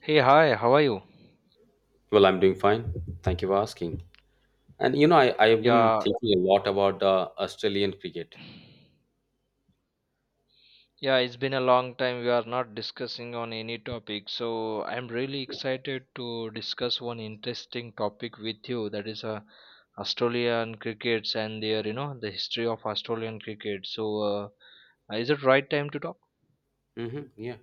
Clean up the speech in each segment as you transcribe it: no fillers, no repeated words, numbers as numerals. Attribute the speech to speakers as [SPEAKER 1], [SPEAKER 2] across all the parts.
[SPEAKER 1] Hey, hi, how are you?
[SPEAKER 2] Well, I'm doing fine. Thank you for asking. I've been
[SPEAKER 1] Yeah,
[SPEAKER 2] thinking a lot about the Australian cricket.
[SPEAKER 1] yeah, it's been a long time. We are not discussing on any topic. So I'm really excited to discuss one interesting topic with you. That is Australian crickets and their, you know, the history of Australian cricket. Is it right time to talk?
[SPEAKER 2] Hmm, yeah.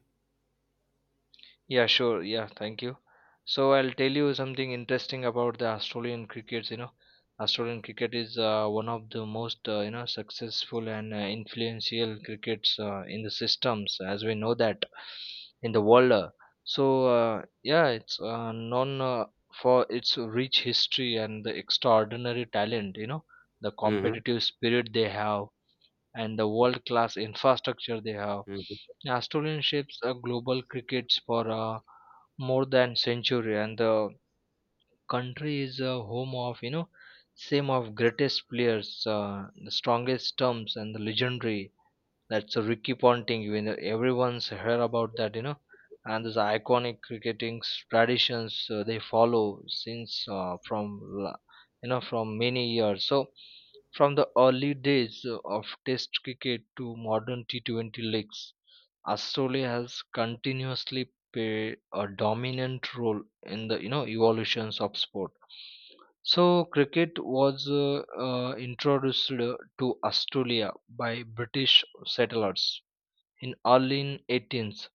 [SPEAKER 1] Yeah, sure. Yeah, thank you. So I'll tell you something interesting about the Australian crickets. You know, Australian cricket is one of the most you know successful and influential crickets in the systems, as we know that in the world. So uh, yeah, it's known for its rich history and the extraordinary talent. You know, the
[SPEAKER 2] Hmm.
[SPEAKER 1] competitive spirit they have and the world class infrastructure they have.
[SPEAKER 2] Hmm.
[SPEAKER 1] Australian shapes global crickets for more than century, and the country is a home of you know same of greatest players, the strongest terms, and the legendary that's a Ricky Ponting. You know, everyone's heard about that, you know, and those iconic traditions they follow since you know from many years. So from the early days of Test cricket to modern T20 leagues. Astoria has continuously played a dominant role in the you know evolutions of sport. So cricket was introduced to Australia by British settlers in early in 18th.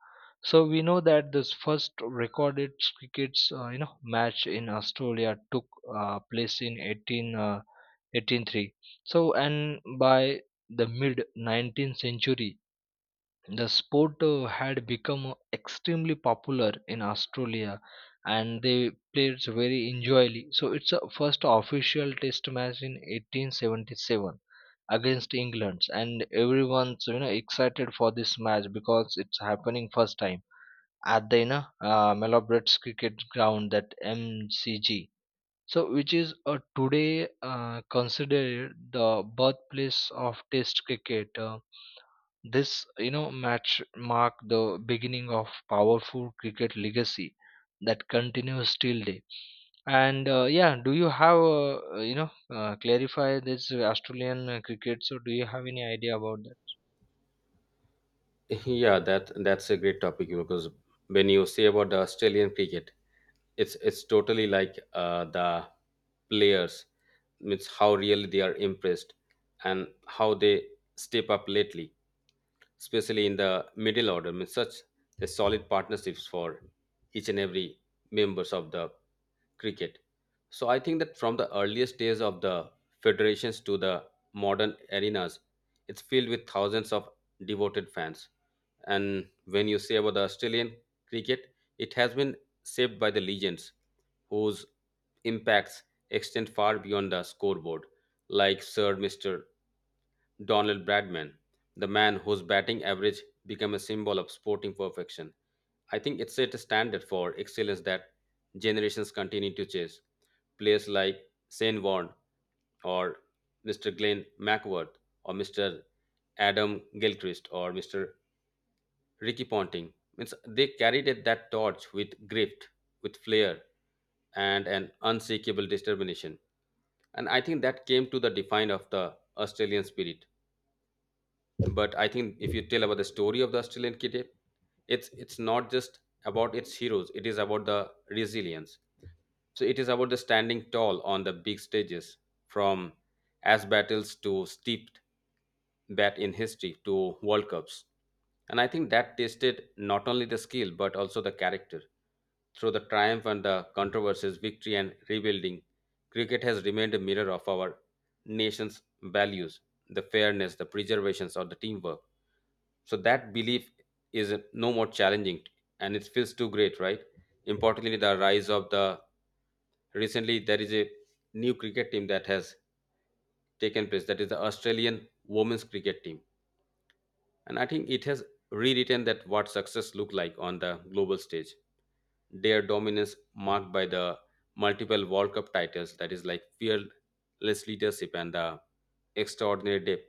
[SPEAKER 1] So we know that this first recorded cricket's you know match in Australia took place in 18 183. So and By the mid 19th century, the sport had become extremely popular in Australia and they played very enjoyably. So it's a first official test match in 1877 against England, and everyone's you know excited for this match because it's happening first time at the you know Mellobrett's cricket ground, that MCG, so which is today considered the birthplace of test cricket. This, you know, match marked the beginning of powerful cricket legacy that continues till day. And yeah, do you have you know clarify this Australian cricket? So do you have any idea about that?
[SPEAKER 2] Yeah, that's a great topic, you know, because when you say about the Australian cricket, it's totally like the players, it's how really they are impressed and how they step up lately, especially in the middle order, means such a solid partnerships for each and every members of the cricket. So I think that from the earliest days of the federations to the modern arenas, it's filled with thousands of devoted fans. And when you say about the Australian cricket, it has been shaped by the legends whose impacts extend far beyond the scoreboard, like Sir Mr. Donald Bradman, the man whose batting average became a symbol of sporting perfection. I think it set a standard for excellence that generations continue to chase. Players like Shane Warne or Mr. Glenn McWord or Mr. Adam Gilchrist or Mr. Ricky Ponting. Means they that torch with grit, with flair, and an unshakable determination. And I think that came to the define of the Australian spirit. But I think if you tell about the story of the australian kidnap, it's not just about its heroes, it is about the resilience. So it is about the standing tall on the big stages, from as battles to Steeped bat in history to World Cups. And I think that tested not only the skill but also the character. Through the triumph and the controversies, victory and rebuilding, cricket has remained a mirror of our nation's values, the fairness, the preservations, or the teamwork. So that belief is no more challenging and it feels too great, right? Importantly, the rise of the Recently there is a new cricket team that has taken place, that is the Australian women's cricket team, and I think it has rewritten that what success looked like on the global stage. Their dominance marked by the multiple world cup titles that is like fearless leadership and the extraordinary depth.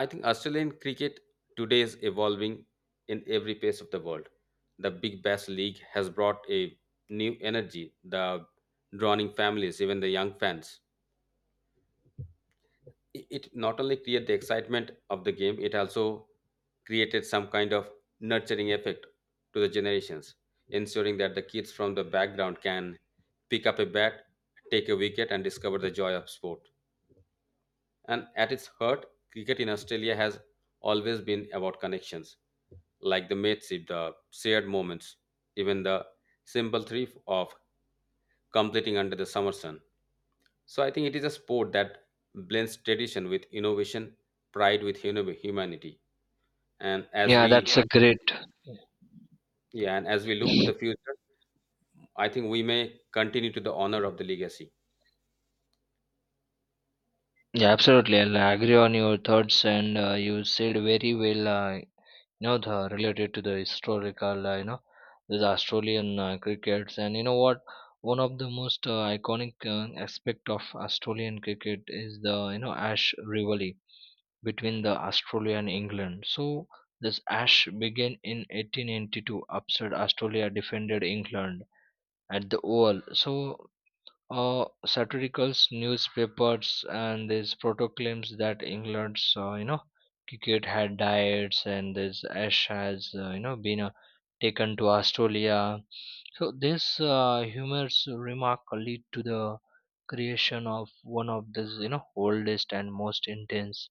[SPEAKER 2] I think australian cricket today is evolving in every pace of the world. The big bash league has brought a new energy, the drawing families even the young fans. It not only create the excitement of the game, it also created some kind of nurturing effect to the generations, ensuring that the kids from the background can pick up a bat, take a wicket and discover the joy of sport. And at its heart, cricket in australia has always been about connections, like the mateship, the shared moments, even the simple thrill of completing under the summer sun. So I think it is a sport that blends tradition with innovation, pride with humanity. And as
[SPEAKER 1] Yeah,
[SPEAKER 2] we
[SPEAKER 1] that's a
[SPEAKER 2] Yeah,
[SPEAKER 1] great.
[SPEAKER 2] yeah, and as we look to the future, I think we may continue to the honor of the legacy.
[SPEAKER 1] Yeah, absolutely. I agree on your thoughts, and you said very well. You know the related to the historical you know this Australian crickets, and you know what, one of the most iconic aspect of Australian cricket is the you know Ash rivalry between the Australia and England. So this Ash began in 1882, upset Australia defended England at the Oval. So satiricals, newspapers, and these proclaims that England's you know cricket had died, and this Ash has you know been taken to Australia. So this humorous remark lead to the creation of one of the you know oldest and most intense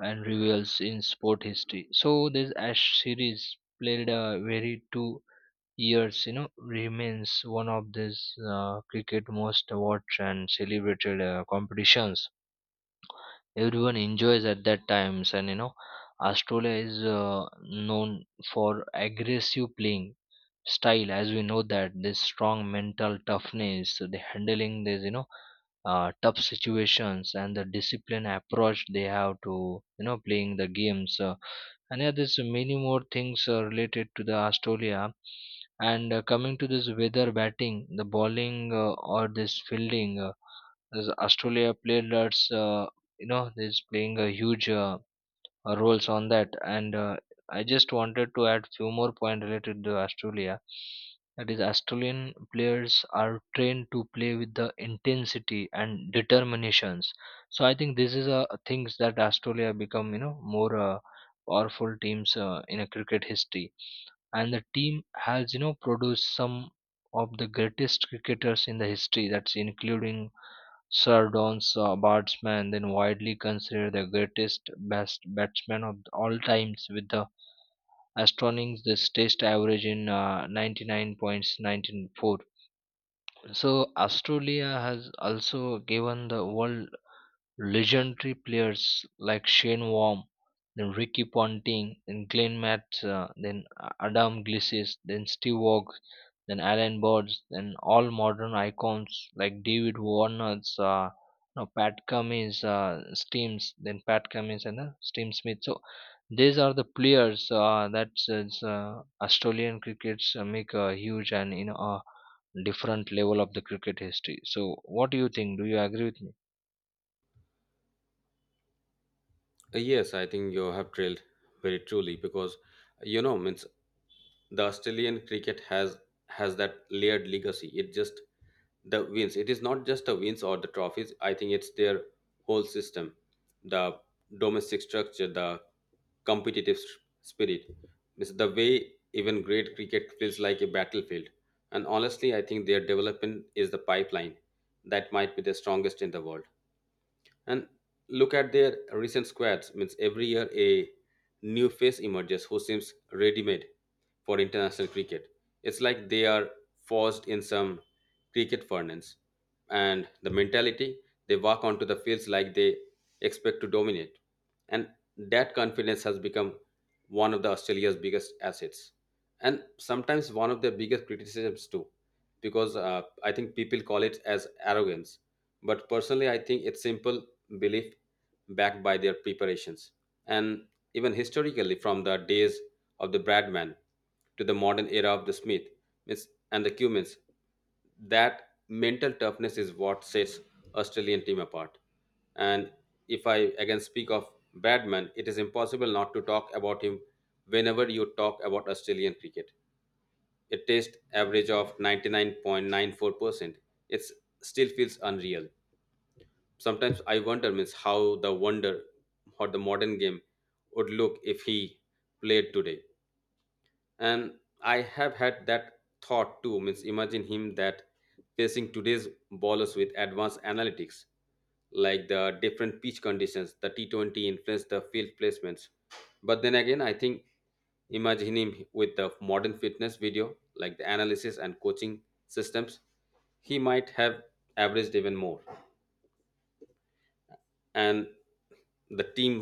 [SPEAKER 1] and reveals in sport history. So this Ash series played a very 2 years you know remains one of this cricket most watched and celebrated competitions. Everyone enjoys at that times, and you know Australia is known for aggressive playing style, as we know, that this strong mental toughness, the handling these you know tough situations, and the discipline approach they have to you know playing the games. And yeah, there's many more things related to the Australia. And coming to this weather batting, the bowling or this fielding, as astolia players you know is playing a huge roles on that. And I just wanted to add few more points related to Australia, that is Australian players are trained to play with the intensity and determinations. So I think this is a things that Australia become you know more powerful teams in a cricket history, and the team has you know produced some of the greatest cricketers in the history, that's including Sardon's batsman, then widely considered the greatest best batsman of all times, with the astonishing this test average in 99.194. So Australia has also given the world legendary players like Shane Warne, then Ricky Ponting, then Glenn Mattson, then Adam Gilchrist, then Steve Waugh, then Alan Bords, then all modern icons like David Warner's, no, Pat Cummins, Steams, then Pat Cummins, and Steam Smith. So these are the players that is, Australian crickets make a huge and you know a different level of the cricket history. So what do you think? Do you agree with me?
[SPEAKER 2] Yes I think you have drilled very truly, because you know means the Australian cricket has that layered legacy. It is not just the wins or the trophies. I think it's their whole system, the domestic structure, the competitive spirit. It's the way even great cricket feels like a battlefield. And honestly I think their development is the pipeline that might be the strongest in the world. And look at their recent squads, means every year a new face emerges who seems ready made for international cricket. It's like they are forced in some cricket furnace and the mentality, they walk onto the fields like they expect to dominate. And that confidence has become one of the australia's biggest assets, and sometimes one of their biggest criticisms too, because I think people call it as arrogance, but personally I think it's simple belief backed by their preparations. And even historically, from the days of the bradman to the modern era of the smith and the cumins, that mental toughness is what sets australian team apart. And if I again speak of bradman, it is impossible not to talk about him whenever you talk about australian cricket. A tastes average of 99.94%. It still feels unreal. Sometimes I wonder means how the wonder or the modern game would look if he played today. And I have had that thought too, means imagine him that facing today's bowlers with advanced analytics, like the different pitch conditions, the T20 influence, the field placements. But then again I think, imagine him with the modern fitness video, like the analysis and coaching systems, he might have averaged even more. And the team,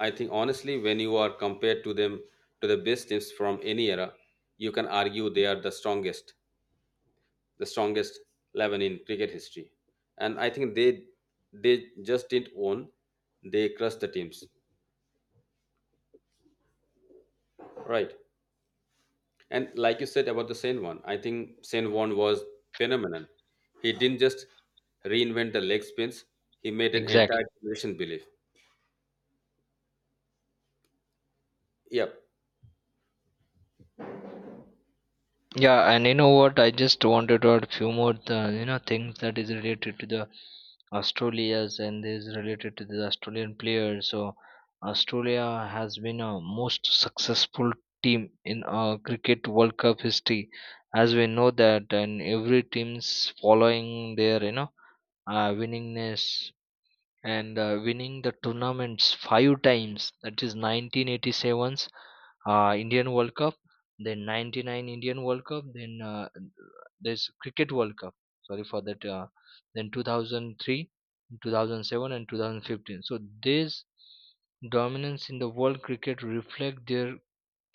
[SPEAKER 2] I think honestly when you are compared to them to the best teams from any era, you can argue they are the strongest 11 in cricket history. And I think they just didn't own, they crushed the teams, right? And like you said about the Sen one, I think Sen one was phenomenal. He didn't just reinvent the leg spins, he made an
[SPEAKER 1] Exactly.
[SPEAKER 2] entire generation believe. Yep.
[SPEAKER 1] Yeah, and you know what? I just wanted to add few more, you know, things that is related to the Australia's and is related to the Australian players. So Australia has been a most successful team in cricket World Cup history, as we know that, and every team's following their, you know, winningness and winning the tournaments five times, that is 1987's Indian World Cup, then 99 Indian World Cup, then there's Cricket World Cup, sorry for that, then 2003, 2007, and 2015. So this dominance in the world cricket reflect their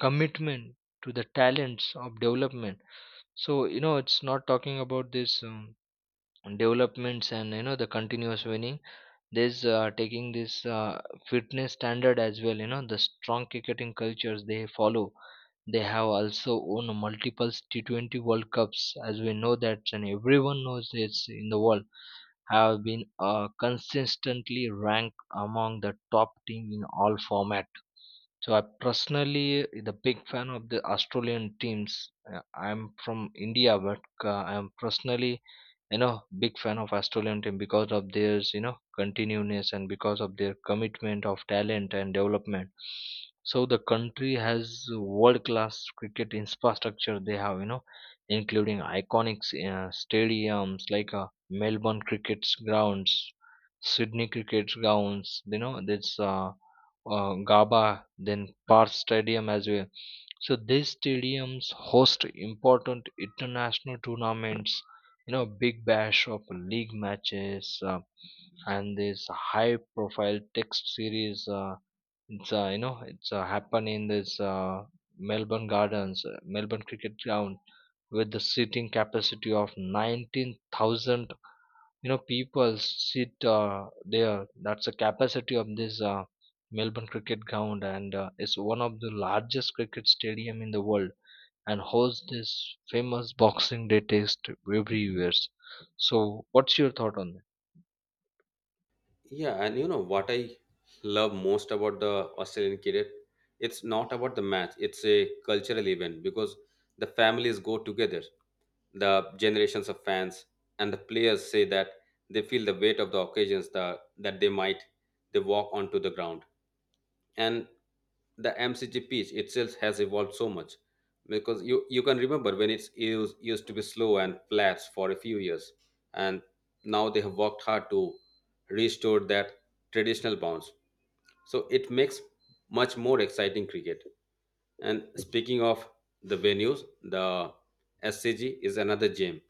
[SPEAKER 1] commitment to the talents of development. So you know it's not talking about this developments and you know the continuous winning, this taking this fitness standard as well. You know the strong cricketing cultures they follow. They have also won multiple T20 World Cups, as we know that, and everyone knows this in the world, have been consistently ranked among the top team in all format. So I personally the big fan of the Australian teams. I'm from India, but I'm personally you know big fan of Australian team because of their you know continuousness and because of their commitment of talent and development. So the country has world class cricket infrastructure. They have you know including iconic stadiums like Melbourne cricket grounds, Sydney cricket grounds. You know there's Gaba, then Perth Stadium as well. So these stadiums host important international tournaments, you know big bash of league matches, and this high profile text series. It's you know it's happen in this Melbourne gardens, Melbourne cricket ground, with the seating capacity of 19,000, you know people sit there. That's the capacity of this Melbourne cricket ground, and it's one of the largest cricket stadium in the world, and hosts this famous Boxing Day test every year. So, what's your thought on that?
[SPEAKER 2] Yeah, and you know what I love most about the Australian cricket? It's not about the match, it's a cultural event, because the families go together, the generations of fans and the players say that they feel the weight of the occasions, that, that they might they walk onto the ground. And the mcg pitch itself has evolved so much, because you can remember when it's used to be slow and flat for a few years. And now they have worked hard to restore that traditional bounce, so it makes much more exciting cricket. And speaking of the venues, the scg is another gem,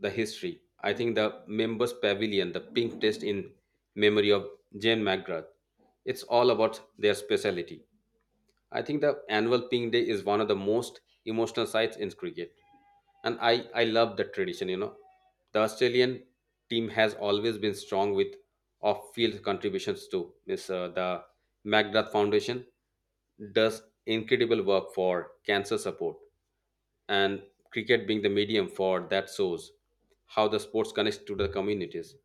[SPEAKER 2] the history. I think the members pavilion, the pink test in memory of Jane McGrath. It's all about their speciality. I think the annual pink day is one of the most emotional sites in cricket. And I love the tradition, you know. The Australian team has always been strong with off-field contributions too. Miss The McGrath Foundation does incredible work for cancer support, and cricket being the medium for that shows how the sports connects to the communities,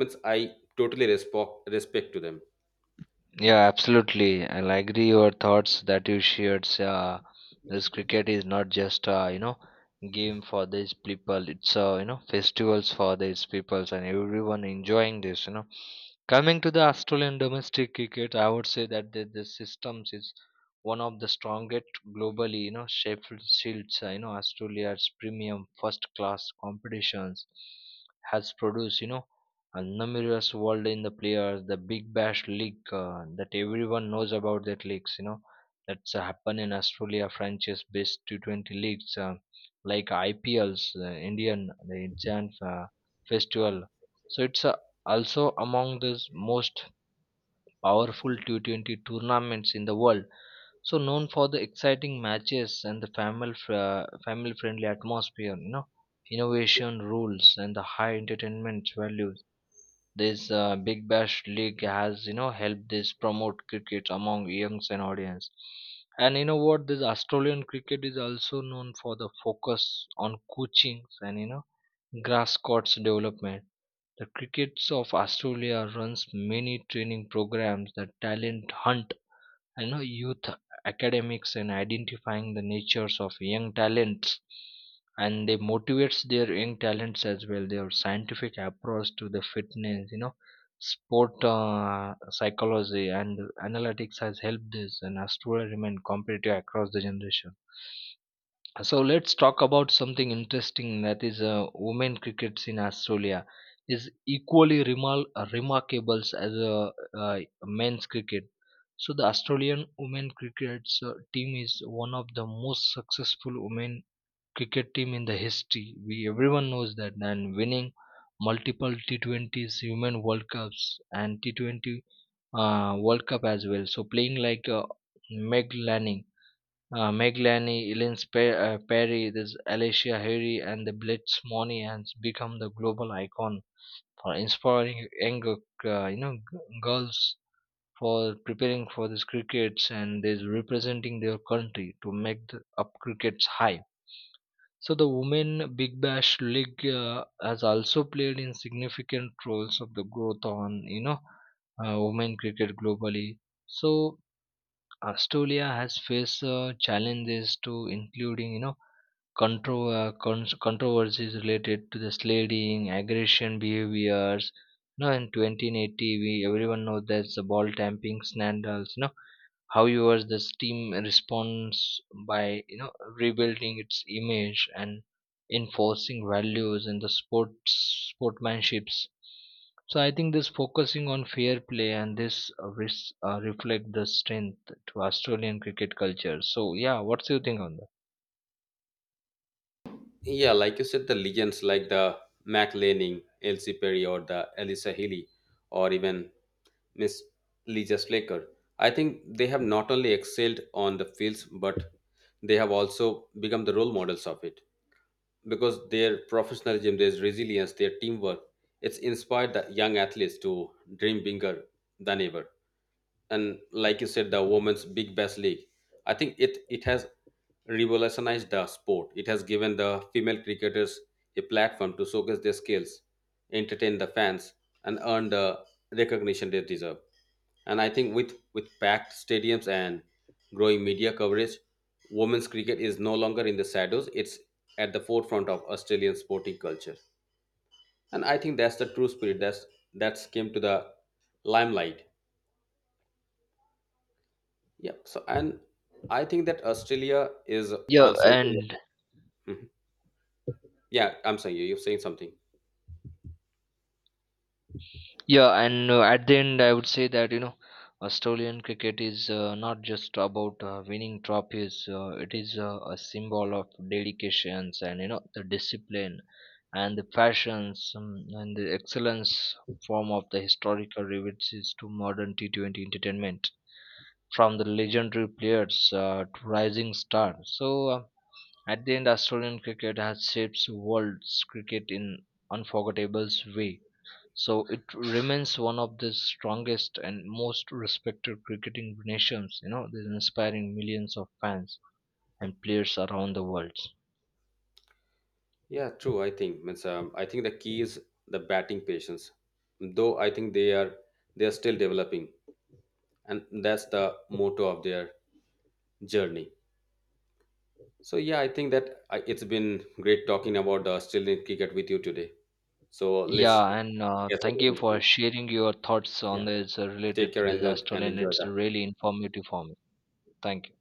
[SPEAKER 2] means I totally respect to them.
[SPEAKER 1] Yeah, absolutely. And I agree your thoughts that you shared. This cricket is not just you know game for these people. It's you know festivals for these peoples, and everyone enjoying this. You know, coming to the Australian domestic cricket, I would say that the systems is one of the strongest globally. You know, Sheffield Shields. You know, Australia's premium first class competitions has produced. You know, and numerous world in the players, the big bash league, that everyone knows about that leagues, you know that's happen in Australia, franchise based T20 leagues, like IPLs, Indian festival. So it's also among the most powerful T20 tournaments in the world, so known for the exciting matches and the family friendly atmosphere, you know, innovation rules and the high entertainment value. This big bash league has you know helped this promote cricket among youngs and audience. And you know what, this Australian cricket is also known for the focus on coaching and you know grass courts development. The crickets of Australia runs many training programs, that talent hunt, I know youth academics, and identifying the natures of young talents, and they motivates their young talents as well. Their scientific approach to the fitness, you know, sport psychology, and analytics has helped this and has truly remained competitive across the generation. So let's talk about something interesting, that is women crickets in Australia is equally remarkable as uh, men's cricket. So the Australian women crickets team is one of the most successful women cricket team in the history. We everyone knows that, and winning multiple T20s, Women World Cups, and T20 World Cup as well. So playing like Meg Lanning, Meglani, Ellen Perry, this Alicia Harry, and the Blitz Money has become the global icon for inspiring younger, you know, girls for preparing for this crickets, and is representing their country to make the up crickets high. So the Women Big Bash League has also played in significant roles of the growth on, you know, women cricket globally. So Australia has faced challenges to including you know controversies related to the slading, aggression behaviors. You know, in 2080, we everyone knows that's the ball tamping scandals. You know, however the team responds by you know rebuilding its image and enforcing values and the sports sportsmanships. So I think this focusing on fair play, and this reflect the strength to Australian cricket culture. So yeah, what's your think on that?
[SPEAKER 2] Yeah, like you said, the legends like the mac lanning, elsie perry, or the elisa healy, or even miss lisa slaker, I think they have not only excelled on the fields, but they have also become the role models of it, because their professionalism, their resilience, their teamwork, it's inspired the young athletes to dream bigger than ever. And like you said, the women's big Bash league, I think it has revolutionized the sport. It has given the female cricketers a platform to showcase their skills, entertain the fans, and earn the recognition they deserve. And I think with packed stadiums and growing media coverage, women's cricket is no longer in the shadows, it's at the forefront of australian sporting culture. And I think that's the true spirit, that's came to the limelight. Yeah. So, and I think that Australia is
[SPEAKER 1] Yeah,
[SPEAKER 2] also.
[SPEAKER 1] and
[SPEAKER 2] Mhm. Yeah, I'm saying you. You're saying something.
[SPEAKER 1] yeah, and at the end, I would say that you know, Australian cricket is not just about winning trophies. It is a symbol of dedications, and you know the discipline, and the passions, and the excellence form of the historical references to modern T20 entertainment, from the legendary players to rising stars. So at the end, Australian cricket has shaped world's cricket in unforgettable way. So it remains one of the strongest and most respected cricketing nations, you know, this inspiring millions of fans and players around the world.
[SPEAKER 2] Yeah, true. I think means I think the key is the batting patience. Though I think they are still developing, and that's the motto of their journey. So yeah, I think that I, it's been great talking about the Australian cricket with you today. So let's
[SPEAKER 1] Yeah, and
[SPEAKER 2] catch up
[SPEAKER 1] thank you
[SPEAKER 2] again
[SPEAKER 1] for
[SPEAKER 2] soon.
[SPEAKER 1] sharing your thoughts on
[SPEAKER 2] Yeah,
[SPEAKER 1] this
[SPEAKER 2] take
[SPEAKER 1] related to
[SPEAKER 2] care and
[SPEAKER 1] the Australian.
[SPEAKER 2] enjoy
[SPEAKER 1] It's
[SPEAKER 2] the
[SPEAKER 1] really informative for me. Thank you.